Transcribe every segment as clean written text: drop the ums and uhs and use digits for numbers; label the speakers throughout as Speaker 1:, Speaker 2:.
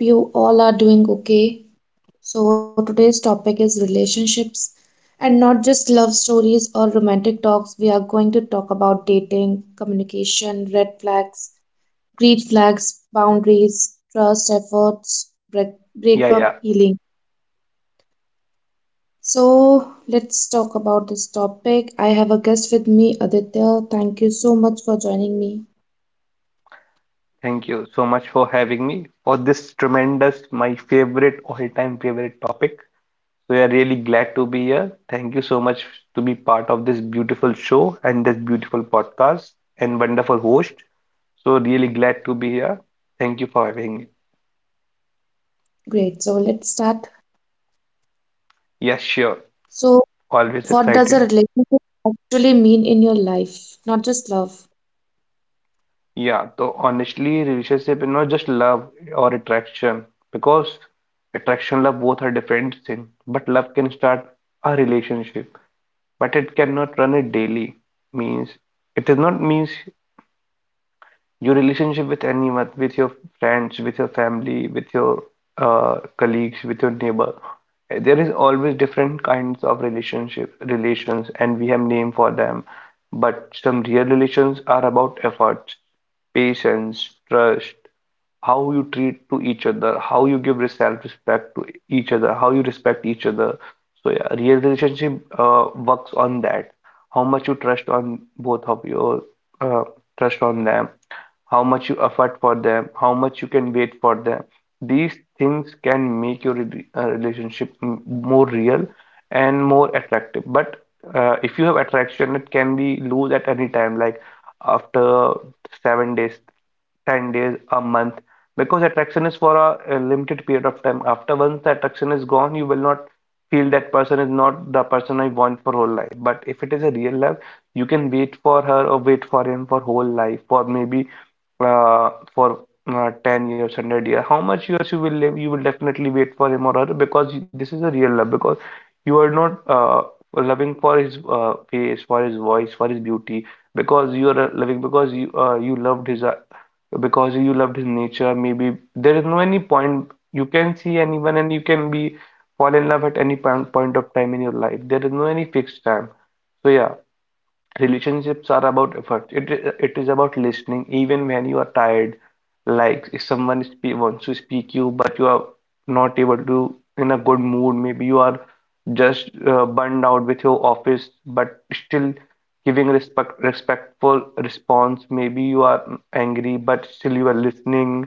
Speaker 1: Hope you all are doing okay. So, today's topic is relationships, and not just love stories or romantic talks. We are going to talk about dating, communication, red flags, green flags, boundaries, trust, efforts, break,
Speaker 2: Yeah, yeah.
Speaker 1: breakup, healing. So, let's talk about this topic. I have a guest with me, Aditya. Thank you so much for joining me.
Speaker 2: Thank you so much for having me for this tremendous, my favorite, all-time favorite topic. So we are really glad to be here. Thank you so much to be part of this beautiful show and this beautiful podcast and wonderful host. So really glad to be here. Thank you for having me.
Speaker 1: Great. So, let's start.
Speaker 2: Yeah, sure.
Speaker 1: So,
Speaker 2: Always
Speaker 1: what does a
Speaker 2: excited.
Speaker 1: relationship actually mean in your life? Not just love.
Speaker 2: Yeah, so honestly, relationship is not just love or attraction because attraction, love both are different things. But love can start a relationship, but it cannot run it daily means it is not means your relationship with anyone, with your friends, with your family, with your colleagues, with your neighbor. There is always different kinds of relationship relations, and we have name for them. But some real relations are about efforts, patience, trust, how you treat to each other, how you give self-respect to each other, how you respect each other. So yeah, real relationship works on that. How much you trust on both of your uh, trust on them, how much you effort for them, how much you can wait for them. These things can make your relationship more real and more attractive. But if you have attraction, it can be loose at any time, like after 7 days, 10 days, a month, because attraction is for a limited period of time. After once the attraction is gone, you will not feel that person is not the person I want for whole life. But if it is a real love, you can wait for her or wait for him for whole life, for maybe for 10 years, 100 years, how much years you will live, you will definitely wait for him or her because this is a real love. Because you are not loving for his face, for his voice, for his beauty, because you are loving because you you loved his because you loved his nature. Maybe there is no any point you can see anyone and you can be fall in love at any point of time in your life. There is no any fixed time. So yeah, relationships are about effort. It is about listening even when you are tired. Like if someone spe wants to speak you, but you are not able to in a good mood. Maybe you are just burned out with your office, but still giving respectful response. Maybe you are angry, but still you are listening,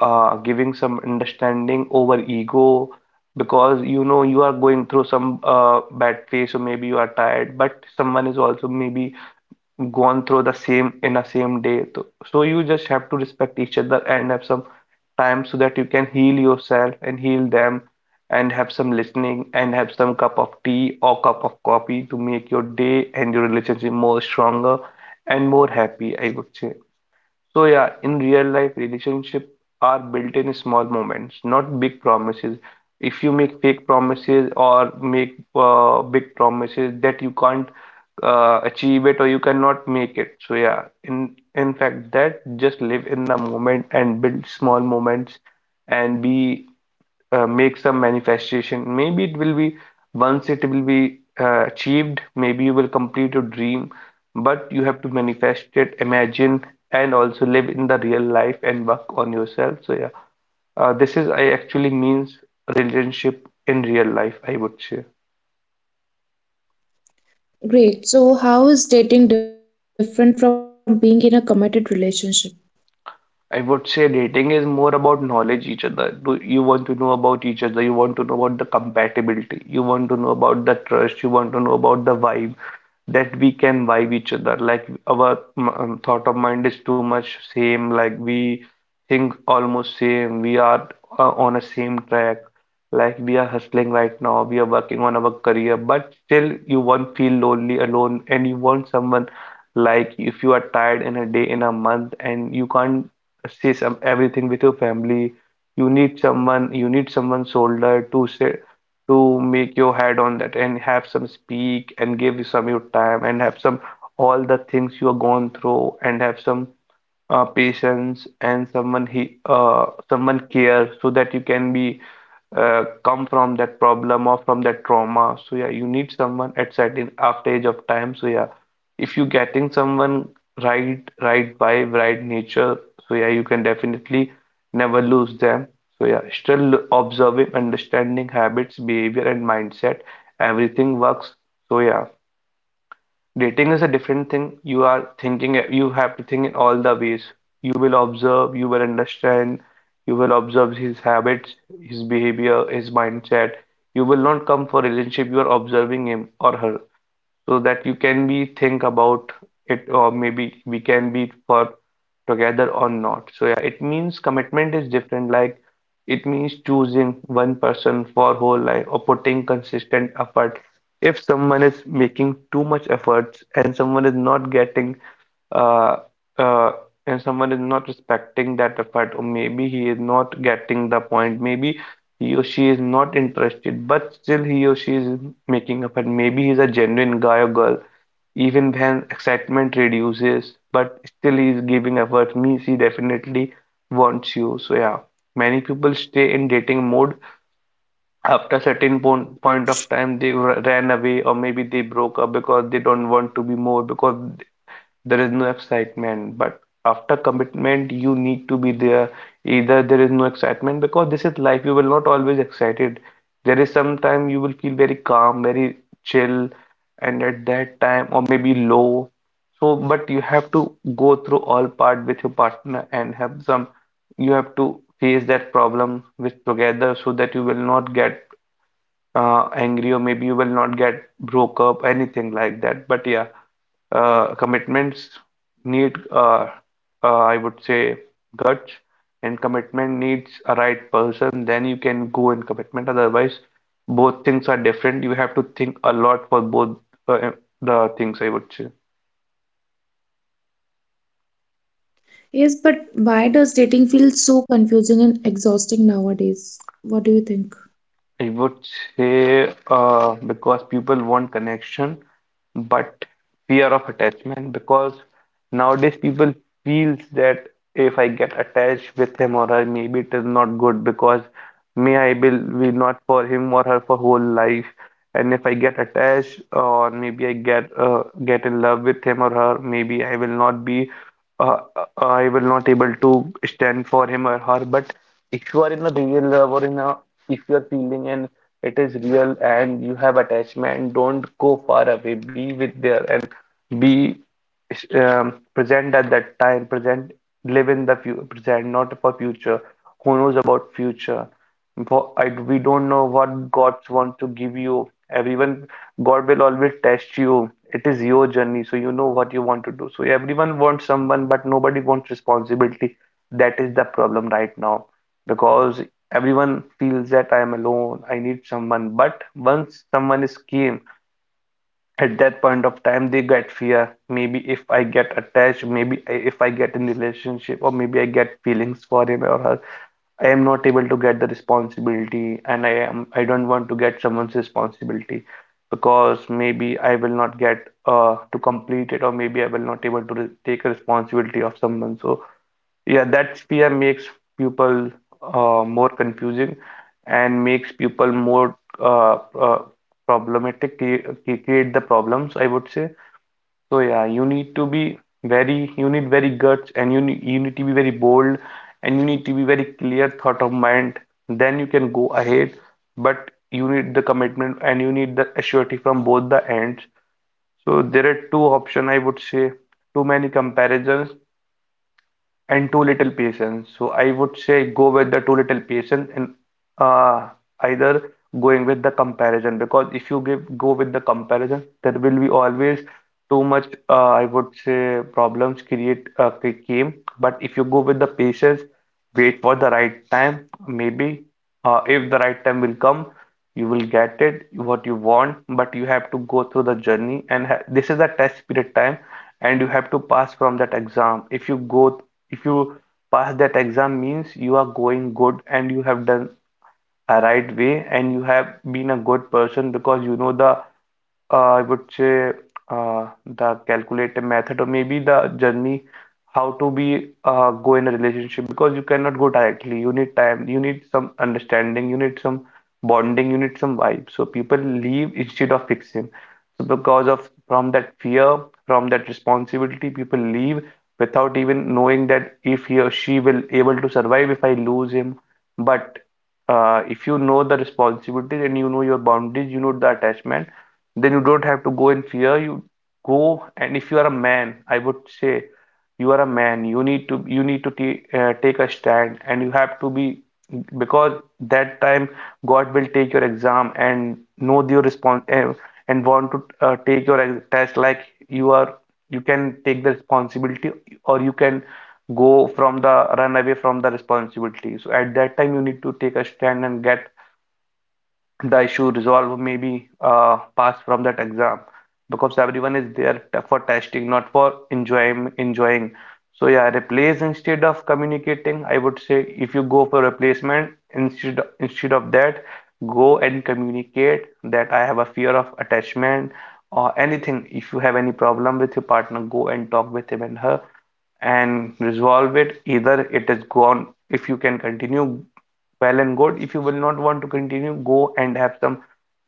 Speaker 2: giving some understanding over ego because you know you are going through some bad phase, or maybe you are tired but someone is also maybe gone through the same in a same day. So you just have to respect each other and have some time so that you can heal yourself and heal them, and have some listening and have some cup of tea or cup of coffee to make your day and your relationship more stronger and more happy, I would say. So yeah, in real life, relationship are built in small moments, not big promises. If you make fake promises or make big promises that you can't achieve it or you cannot make it. So yeah, in fact, that just live in the moment and build small moments and be make some manifestation. Maybe it will be once it will be achieved, maybe you will complete your dream, but you have to manifest it, imagine, and also live in the real life and work on yourself. So, yeah, this is I actually means relationship in real life, I would say.
Speaker 1: Great. So, how is dating different from being in a committed relationship?
Speaker 2: I would say dating is more about knowledge each other. Do you want to know about each other? You want to know about the compatibility. You want to know about the trust. You want to know about the vibe, that we can vibe each other. Like our thought of mind is too much same. Like we think almost same. We are on a same track. Like we are hustling right now. We are working on our career, but still you won't feel lonely alone, and you want someone. Like if you are tired in a day, in a month, and you can't say some everything with your family, you need someone. You need someone's shoulder to say to make your head on that and have some speak and give you some your time and have some all the things you are going through and have some patience and someone care so that you can be come from that problem or from that trauma. So yeah, you need someone at certain after age of time. So yeah, if you getting someone right, right vibe, right nature, so yeah, you can definitely never lose them. So yeah, still observing, understanding habits, behavior, and mindset, everything works. So yeah. Dating is a different thing. You are thinking, you have to think in all the ways. You will observe, you will understand, you will observe his habits, his behavior, his mindset. You will not come for relationship, you are observing him or her so that you can be think about it or maybe we can be for together or not. So yeah, it means commitment is different. Like it means choosing one person for whole life or putting consistent effort. If someone is making too much efforts and someone is not getting uh, uh, and someone is not respecting that effort, or maybe he is not getting the point, maybe he or she is not interested, but still he or she is making effort. Maybe he's a genuine guy or girl, even when excitement reduces, but still he is giving effort, means he definitely wants you. So, yeah, many people stay in dating mode after a certain point of time they ran away or maybe they broke up because they don't want to be more because there is no excitement. But after commitment you need to be there, either there is no excitement because this is life, you will not always excited. There is some time you will feel very calm, very chill, and at that time or maybe low. So but you have to go through all part with your partner and have some you have to face that problem with together so that you will not get angry or maybe you will not get broke up anything like that. But yeah, commitments need I would say guts, and commitment needs a right person, then you can go in commitment. Otherwise both things are different, you have to think a lot for both uh, the things, I would say.
Speaker 1: Yes, but why does dating feel so confusing and exhausting nowadays? What do you think?
Speaker 2: I would say because people want connection, but fear of attachment. Because nowadays people feels that if I get attached with him or her, maybe it is not good because may I will not for him or her for whole life. And if I get attached or maybe I get in love with him or her, maybe I will not be I will not able to stand for him or her. But if you are in a real love or if you are feeling and it is real and you have attachment, don't go far away. Be with there and be present at that time. Present, live in the fu present, not for future. Who knows about future? We don't know what God wants to give you. Everyone, God will always test you. It is your journey, so you know what you want to do. So everyone wants someone, but nobody wants responsibility. That is the problem right now because everyone feels that I am alone. I need someone. But once someone is came at that point of time, they get fear. Maybe if I get attached, maybe if I get in relationship, or maybe I get feelings for him or her. I am not able to get the responsibility, and I don't want to get someone's responsibility because maybe I will not get to complete it or maybe I will not able to re take a responsibility of someone. So yeah, that fear makes people more confusing and makes people more problematic, create the problems, I would say. So yeah, you need to be you need very guts and you need to be very bold and you need to be very clear thought of mind. Then you can go ahead, but you need the commitment and you need the surety from both the ends. So there are two options I would say, too many comparisons and too little patience. So I would say go with the too little patience and uh, either going with the comparison, because if you give go with the comparison, there will be always too much I would say problems create came. But if you go with the patience, wait for the right time, maybe if the right time will come. You will get it what you want, but you have to go through the journey, and this is a test period time and you have to pass from that exam. If you go if you pass that exam means you are going good and you have done a right way, and you have been a good person because you know the I would say the calculative method, or maybe the journey how to be go in a relationship, because you cannot go directly. You need time, you need some understanding, you need some bonding, you need some vibe. So people leave instead of fixing. So because of from that fear, from that responsibility, people leave without even knowing that if he or she will able to survive if I lose him. But if you know the responsibility and you know your boundaries, you know the attachment, then you don't have to go in fear. You go, and if you are a man, I would say you are a man, you need to t take a stand and you have to be, because that time God will take your exam and know your response, and want to take your test, like, you are, you can take the responsibility, or you can go from the run away from the responsibility. So at that time you need to take a stand and get the issue resolved, maybe pass from that exam, because everyone is there for testing, not for enjoying. So yeah, replace instead of communicating. I would say if you go for replacement, instead of that, go and communicate that I have a fear of attachment or anything. If you have any problem with your partner, go and talk with him and her and resolve it. Either it is gone, if you can continue, well and good. If you will not want to continue, go and have some,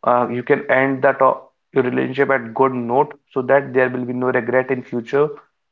Speaker 2: you can end your relationship at good note, so that there will be no regret in future.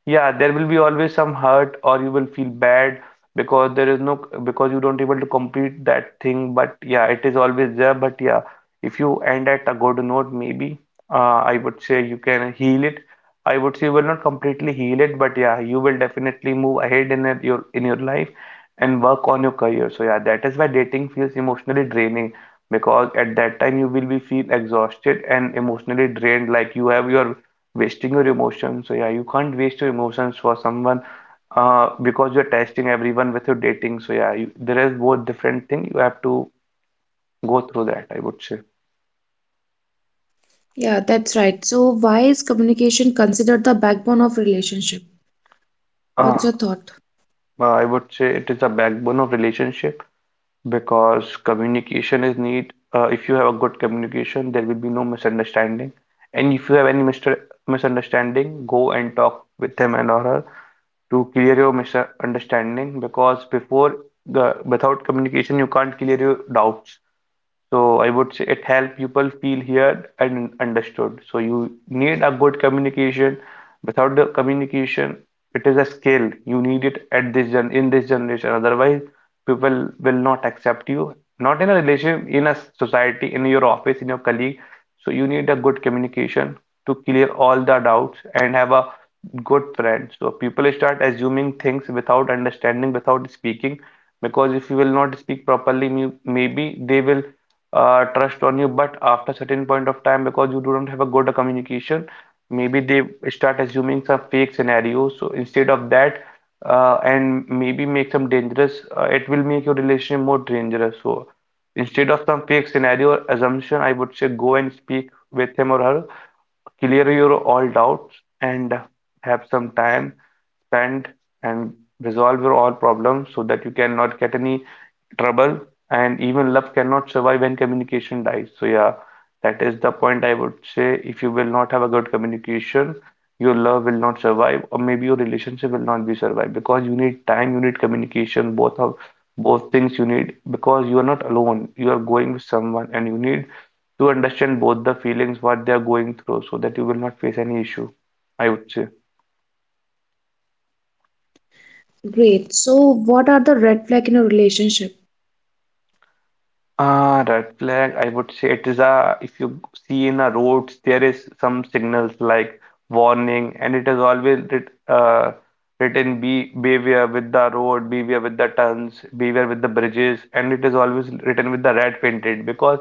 Speaker 2: Yeah, there will be always some hurt, or you will feel bad, because there is no, because you don't able to complete that thing. But yeah, it is always there. But yeah, if you end at a good note, maybe I would say you can heal it. I would say you will not completely heal it, but yeah, you will definitely move ahead in your, in your life, and work on your career. So yeah, that is why dating feels emotionally draining, because at that time you will be feel exhausted and emotionally drained, like you have your wasting your emotions. So yeah, you can't waste your emotions for someone, because you're testing everyone with your dating. So yeah, you, there is both different thing you have to go through that, I would say.
Speaker 1: Yeah, that's right. So, why is communication considered the backbone of relationship? What's
Speaker 2: uh,
Speaker 1: your thought?
Speaker 2: I would say it is a backbone of relationship, because communication is need. If you have a good communication, there will be no misunderstanding, and if you have any mister misunderstanding, go and talk with him and or her to clear your misunderstanding, because before the without communication you can't clear your doubts. So I would say it helps people feel heard and understood. So you need a good communication. Without the communication, it is a skill. You need it at this gen in this generation. Otherwise, people will not accept you. Not in a relationship, in a society, in your office, in your colleague. So you need a good communication to clear all the doubts and have a good friend. So people start assuming things without understanding, without speaking, because if you will not speak properly, maybe they will trust on you, but after certain point of time, because you do not have a good communication, maybe they start assuming some fake scenarios. So instead of that, and maybe make some dangerous, it will make your relationship more dangerous. So instead of some fake scenario or assumption, I would say go and speak with him or her, clear your all doubts, and have some time, spend, and resolve your all problems, so that you cannot get any trouble. And even love cannot survive when communication dies. So yeah, that is the point I would say. If you will not have a good communication, your love will not survive, or maybe your relationship will not be survived, because you need time, you need communication, both things you need, because you are not alone, you are going with someone, and you need to understand both the feelings, what they are going through, so that you will not face any issue, I would say.
Speaker 1: Great. So, what are the red flag in a relationship?
Speaker 2: Ah, red flag, I would say it is a, if you see in a roads, there is some signals like warning, and it is always written, be beware with the road, beware with the turns, beware with the bridges, and it is always written with the red painted. Because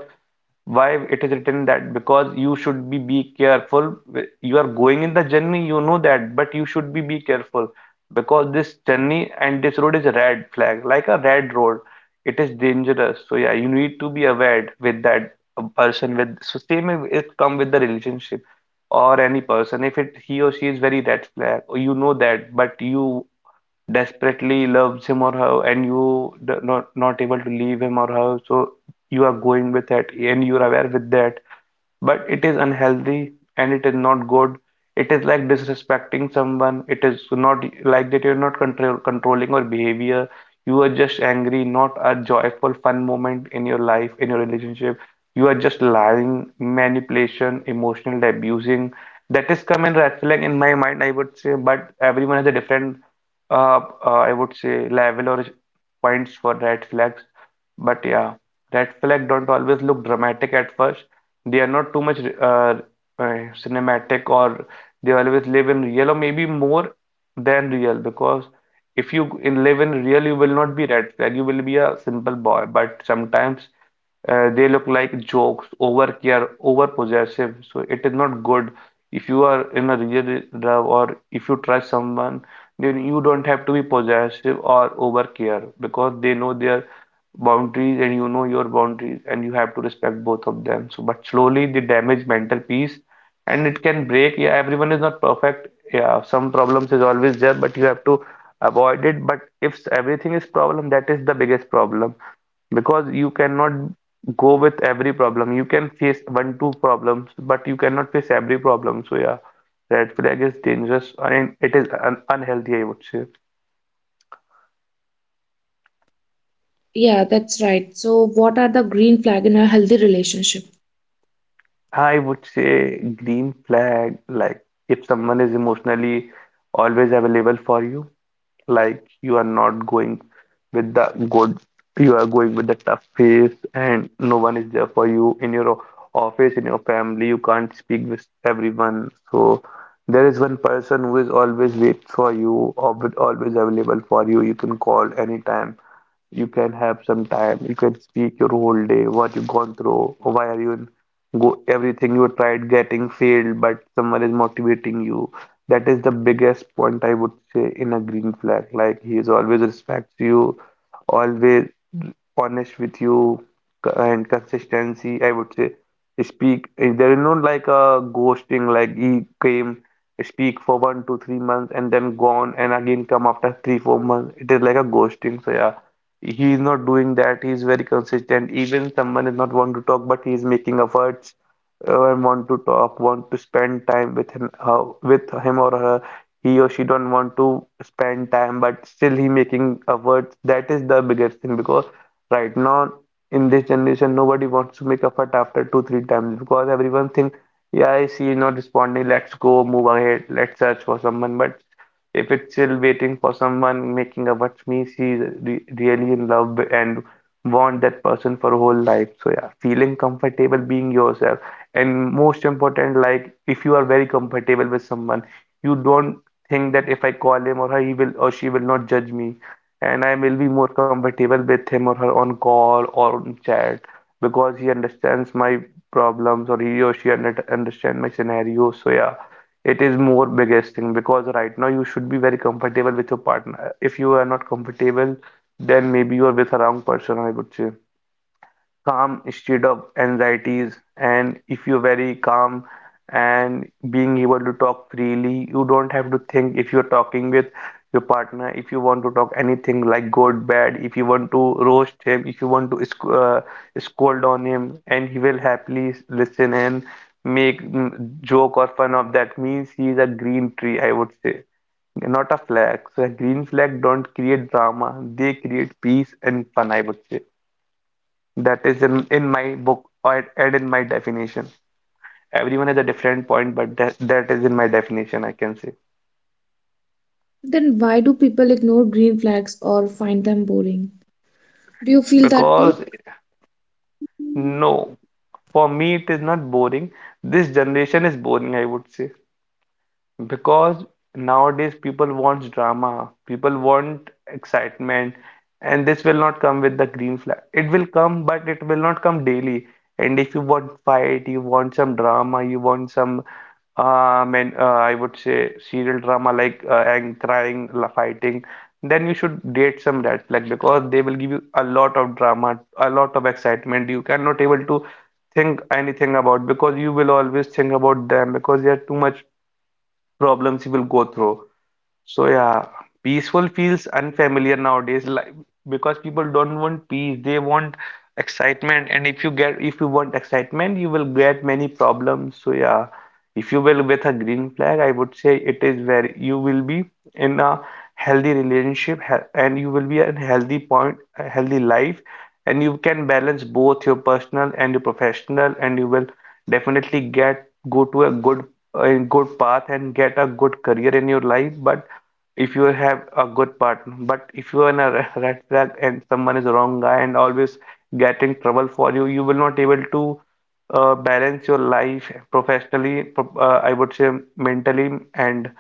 Speaker 2: why it is written that? Because you should be careful. You are going in the journey, you know that, but you should be careful, because this journey and this road is a red flag, like a red road, it is dangerous. So yeah, you need to be aware with that person. With so same, if it come with the relationship or any person, if it he or she is very red flag, or you know that, but you desperately loves him or her and you not, not able to leave him or her, so you are going with it and you're aware with that, but it is unhealthy and it is not good. It is like disrespecting someone. It is not like that you're not controlling your behavior. You are just angry, not a joyful, fun moment in your life, in your relationship. You are just lying, manipulation, emotional abusing. That is common red flag in my mind, I would say. But everyone has a different, I would say, level or points for red flags. But yeah, red flag don't always look dramatic at first. They are not too much uh, cinematic, or they always live in real, or maybe more than real, because if you in live in real, you will not be red flag, you will be a simple boy. But sometimes they look like jokes, over care, over possessive, so it is not good. If you are in a real love, or if you trust someone, then you don't have to be possessive or over care, because they know their boundaries and you know your boundaries and you have to respect both of them. So but slowly they damage mental peace and it can break. Yeah, everyone is not perfect, yeah, some problems is always there, but you have to avoid it. But if everything is problem, that is the biggest problem, because you cannot go with every problem. You can face one two problems, but you cannot face every problem. So yeah, red flag is dangerous and it is un unhealthy, I would say.
Speaker 1: Yeah, that's right. So, what are the green flag in a healthy relationship?
Speaker 2: I would say green flag, like if someone is emotionally always available for you, like you are not going with the good, you are going with the tough phase, and no one is there for you in your office, in your family, you can't speak with everyone. So there is one person who is always wait for you, or always available for you. You can call anytime, you can have some time, you can speak your whole day what you've gone through, why are you in, go everything you tried getting failed, but someone is motivating you. That is the biggest point I would say in a green flag, like he is always respects you, always honest with you, and consistency, I would say. Speak. There is no like a ghosting, like he came, speak for 1 to 3 months and then gone and again come after three, 4 months. It is like a ghosting. So yeah, he is not doing that. He is very consistent. Even someone is not want to talk, but he is making efforts and want to talk, want to spend time with him or her. He or she don't want to spend time, but still he making efforts. That is the biggest thing because right now in this generation nobody wants to make a fight after 2-3 times because everyone think, yeah, she is not responding. Let's go, move ahead, let's search for someone. But if it's still waiting for someone, making a watch me, she is re really in love and want that person for whole life. So yeah, feeling comfortable being yourself and most important, like, if you are very comfortable with someone, you don't think that if I call him or her, he will or she will not judge me, and I will be more comfortable with him or her on call or on chat because he understands my problems, or he or she understand my scenario. So yeah, it is more biggest thing because right now you should be very comfortable with your partner. If you are not comfortable, then maybe you are with a wrong person, I would say. Calm state of anxieties, and if you're very calm and being able to talk freely, you don't have to think if you're talking with your partner, if you want to talk anything like good, bad, if you want to roast him, if you want to scold on him, and he will happily listen and make joke or fun of that, means he is a green tree, I would say, not a flag. So a green flag don't create drama, they create peace and fun, I would say. That is in my book or and in my definition. Everyone has a different point, but that is in my definition, I can say.
Speaker 1: Then why do people ignore green flags or find them boring? Do you feel that too?
Speaker 2: Because no, for me it is not boring. This generation is boring, I would say. Because nowadays people want drama, people want excitement, and this will not come with the green flag. It will come, but it will not come daily. And if you want fight, you want some drama, you want some, and I would say serial drama, like, and crying, fighting, then you should date some red flag because they will give you a lot of drama, a lot of excitement. You cannot able to think anything about because you will always think about them because they are too much problems you will go through. So yeah, peaceful feels unfamiliar nowadays, like, because people don't want peace, they want excitement. And if you get, if you want excitement, you will get many problems. So yeah, if you will with a green flag, I would say, it is where you will be in a healthy relationship and you will be in healthy point, a healthy life, and you can balance both your personal and your professional, and you will definitely get, go to a good path and get a good career in your life. But if you have a good partner. But if you are in a red flag, and someone is a wrong guy and always getting trouble for you, you will not able to balance your life professionally, I would say mentally and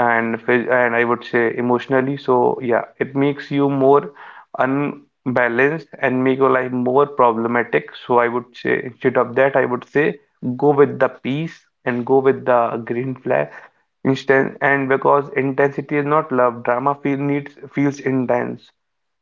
Speaker 2: and I would say emotionally. So yeah, it makes you more unbalanced and make your life more problematic. So I would say, instead of that, I would say go with the peace and go with the green flag. Instance. And because intensity is not love, drama feels intense,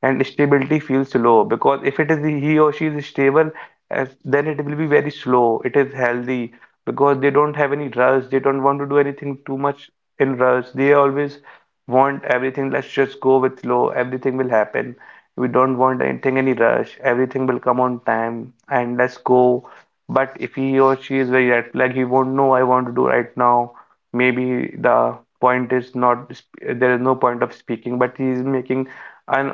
Speaker 2: and stability feels slow. Because if it is, he or she is stable, as then it will be very slow. It is healthy because they don't have any rush. They don't want to do anything too much in rush. They always want everything. Let's just go with flow. Everything will happen. We don't want anything, any rush. Everything will come on time, and let's go. But if he or she is very red flag, he won't know, I want to do right now, maybe the point is not there is no point of speaking, but he is making un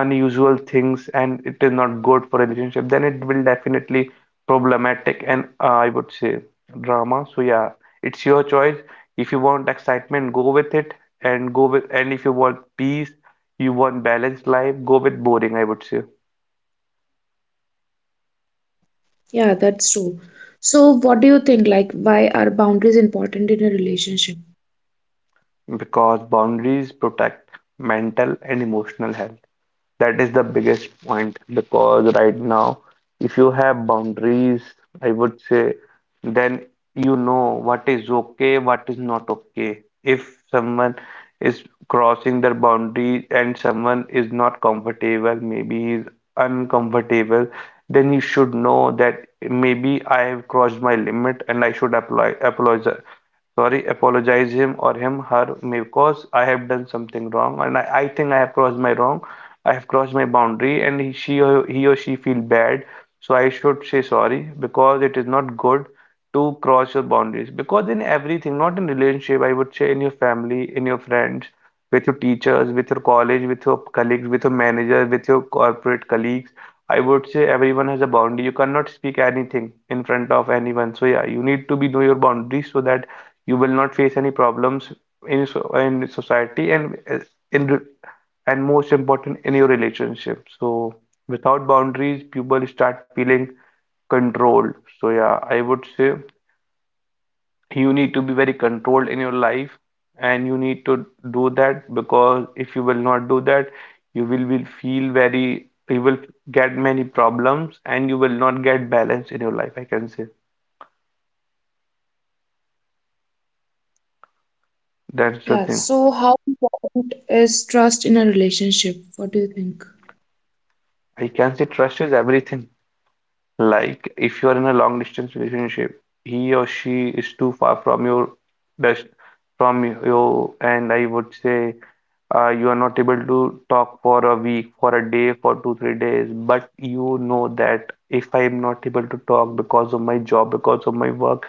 Speaker 2: unusual things, and it is not good for relationship, then it will definitely problematic and, I would say, drama. So yeah, it's your choice. If you want excitement, go with it and go with, and if you want peace, you want balanced life, go with boring, I would say.
Speaker 1: Yeah, that's true. So, what do you think? Like, why are boundaries important in a relationship?
Speaker 2: Because boundaries protect mental and emotional health. That is the biggest point because right now, if you have boundaries, I would say, then you know what is okay, what is not okay. If someone is crossing their boundary and someone is not comfortable, maybe he is uncomfortable, then you should know that maybe I have crossed my limit, and I should apply apologize sorry apologize him or him her because I have done something wrong, and I think I have crossed my boundary, and he or she feel bad, so I should say sorry because it is not good to cross your boundaries. Because in everything, not in relationship, I would say, in your family, in your friends, with your teachers, with your college, with your colleagues, with your manager, with your corporate colleagues, I would say, everyone has a boundary. You cannot speak anything in front of anyone. So yeah, you need to be know your boundaries so that you will not face any problems in, so in society, and in re- and most important in your relationship. So without boundaries, people start feeling controlled. So yeah, I would say, you need to be very controlled in your life, and you need to do that because if you will not do that, you will feel very, you will get many problems and you will not get balance in your life, I can say. That's the
Speaker 1: Yeah,
Speaker 2: thing.
Speaker 1: so how important is trust in a relationship? What do you think?
Speaker 2: I can say, trust is everything. Like, if you are in a long distance relationship, he or she is too far from your best, from you, and I would say, you are not able to talk for a week, for a day, for two, 3 days. But you know that if I am not able to talk because of my job, because of my work,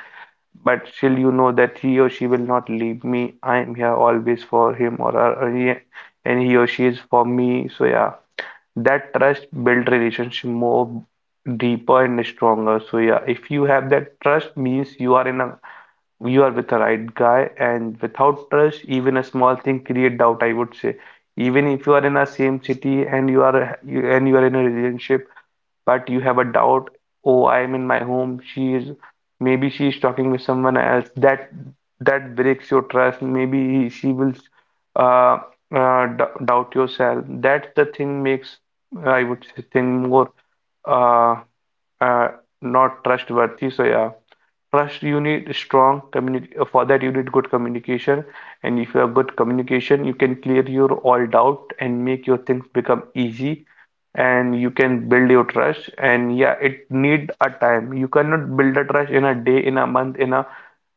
Speaker 2: but still you know that he or she will not leave me. I am here always for him or her, and he or she is for me. So yeah, that trust build relationship more deeper and stronger. So yeah, if you have that trust means you are in a, you are with the right guy. And without trust, even a small thing create doubt, I would say. Even if you are in a same city and you are in a relationship, but you have a doubt, oh, I am in my home, she is maybe she is talking with someone else. That breaks your trust. Maybe she will uh, d doubt yourself. That's the thing, makes, I would say, think more, uh, uh, not trustworthy. So yeah, first, you need strong for that you need good communication, and if you have good communication, you can clear your all doubt and make your things become easy, and you can build your trust. And yeah, it need a time. You cannot build a trust in a day, in a month, in a,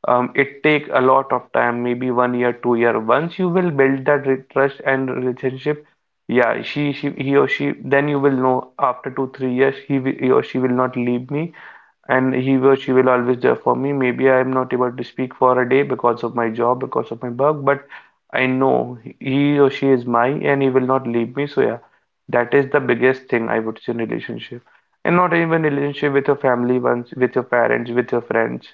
Speaker 2: it take a lot of time, maybe 1 year, 2 year. Once you will build that trust and relationship, yeah, she, he or she, then you will know after two, 3 years, he or she will not leave me, and he or she will always there for me. Maybe I'm not able to speak for a day because of my job, because of my work, but I know he or she is mine, and he will not leave me. So yeah, that is the biggest thing I would say in relationship. And not even relationship, with your family ones, with your parents, with your friends.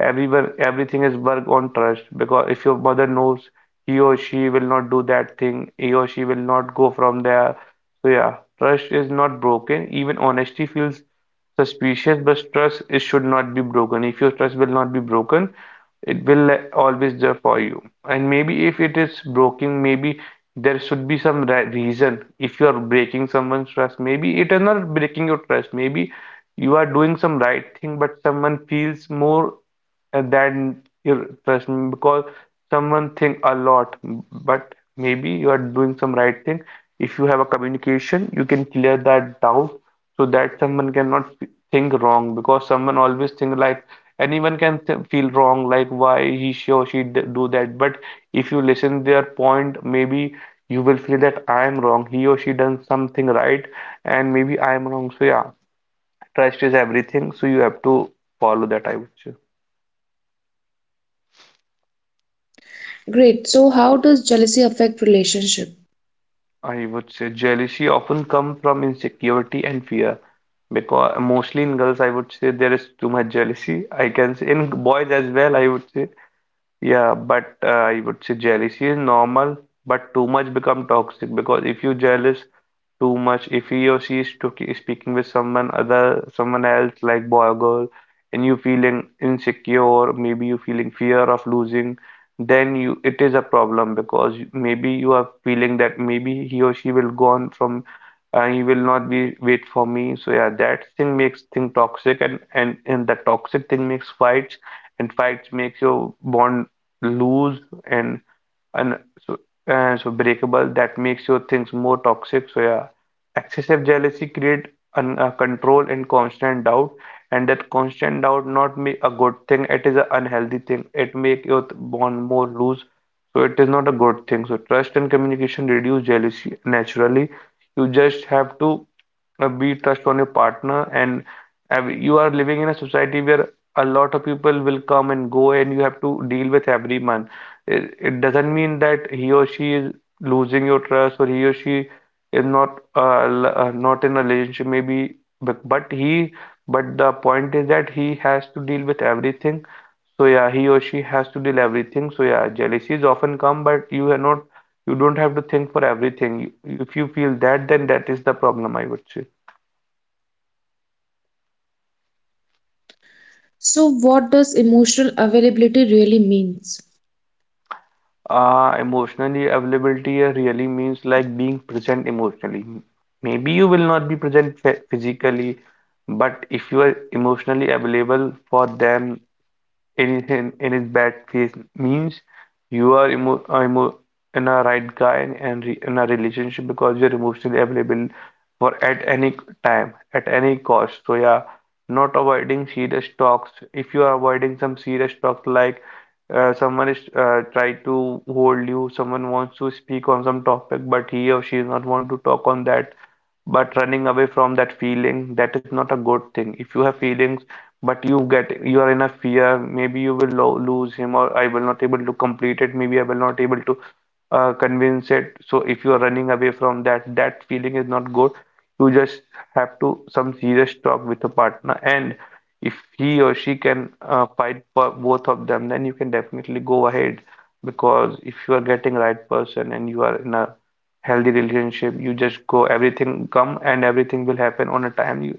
Speaker 2: Everything is work on trust. Because if your mother knows he or she will not do that thing, he or she will not go from there. So yeah, trust is not broken. Even honesty feels suspicious, but trust is should not be broken. If your trust will not be broken, it will always there for you. And maybe if it is broken, maybe there should be some re reason. If you are breaking someone's trust, maybe it is not breaking your trust, maybe you are doing some right thing, but someone feels more, than your trust. Because someone think a lot, but maybe you are doing some right thing. If you have a communication, you can clear that doubt, so that someone cannot think wrong. Because someone always think like, anyone can th feel wrong, like, why he she or she d do that. But if you listen their point, maybe you will feel that I am wrong, he or she done something right, and maybe I am wrong. So yeah, trust is everything, so you have to follow that, I would say.
Speaker 1: Great. So, how does jealousy affect relationship?
Speaker 2: I would say jealousy often comes from insecurity and fear, because mostly in girls, I would say, there is too much jealousy. I can say in boys as well, I would say. Yeah, but I would say jealousy is normal, but too much become toxic, because if you jealous too much, if he or she is speaking with someone other, someone else, like boy or girl, and you feeling insecure, maybe you feeling fear of losing, then you it is a problem because maybe you are feeling that maybe he or she will go on from and he will not be wait for me. So yeah, that thing makes thing toxic, and and the toxic thing makes fights, and fights makes your bond loose, and and so, and so breakable, that makes your things more toxic. So yeah, excessive jealousy create control and constant doubt, and that constant doubt not make a good thing. It is an unhealthy thing. It make your bond more loose. So it is not a good thing. So trust and communication reduce jealousy naturally. You just have to be trust on your partner, and you are living in a society where a lot of people will come and go, and you have to deal with everyone. It doesn't mean that he or she is losing your trust, or he or she is not not in a relationship maybe, but he, but the point is that he has to deal with everything. So yeah, he or she has to deal everything. So yeah, jealousies often come, but you are not, you don't have to think for everything. If you feel that, then that is the problem, I would say.
Speaker 1: So, what does emotional availability really means?
Speaker 2: Emotionally availability really means like being present emotionally. Maybe you will not be present physically, but if you are emotionally available for them, anything in his bad face means you are emo in a right guy, and re in a relationship, because you're emotionally available for at any time, at any cost. So yeah, not avoiding serious talks. If you are avoiding some serious talks, like someone is try to hold you, someone wants to speak on some topic, but he or she does not want to talk on that, but running away from that feeling, that is not a good thing. If you have feelings, but you get, you are in a fear, maybe you will lo lose him, or I will not able to complete it, maybe I will not able to convince it. So if you are running away from that feeling is not good. You just have to some serious talk with a partner, and if he or she can fight for both of them, then you can definitely go ahead. Because if you are getting right person and you are in a healthy relationship, you just go, everything come, and everything will happen on a time, you,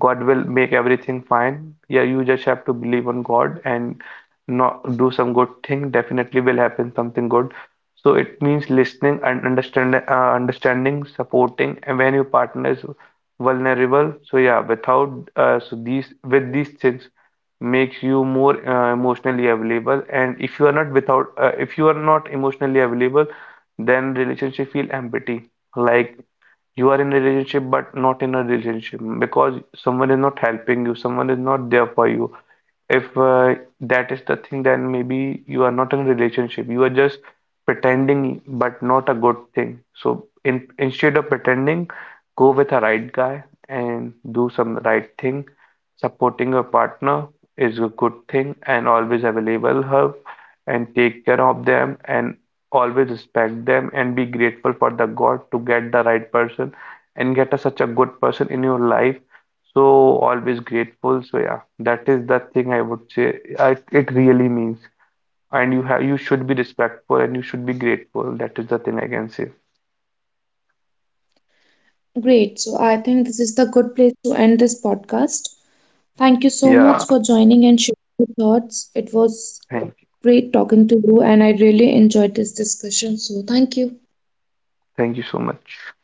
Speaker 2: God will make everything fine. Yeah, you just have to believe on God, and not do some good thing, definitely will happen something good. So it means listening and understand, understanding, supporting, and when your partner is vulnerable. So yeah, without so these, with these things makes you more emotionally available. And if you are not, without if you are not emotionally available, then relationship feel empty, like you are in a relationship, but not in a relationship, because someone is not helping you, someone is not there for you. If that is the thing, then maybe you are not in a relationship. You are just pretending, but not a good thing. So in, instead of pretending, go with a right guy and do some right thing. Supporting your partner is a good thing, and always available her, and take care of them, and always respect them, and be grateful for the God to get the right person, and get a, such a good person in your life, so always grateful. So yeah, that is the thing I would say. I, it really means. And you have, you should be respectful and you should be grateful. That is the thing I can say.
Speaker 1: Great. So, I think this is the good place to end this podcast. Thank you so much
Speaker 2: Yeah.
Speaker 1: for joining and sharing your thoughts. It was
Speaker 2: Thank you.
Speaker 1: great talking to you, and I really enjoyed this discussion. So, thank you.
Speaker 2: Thank you so much.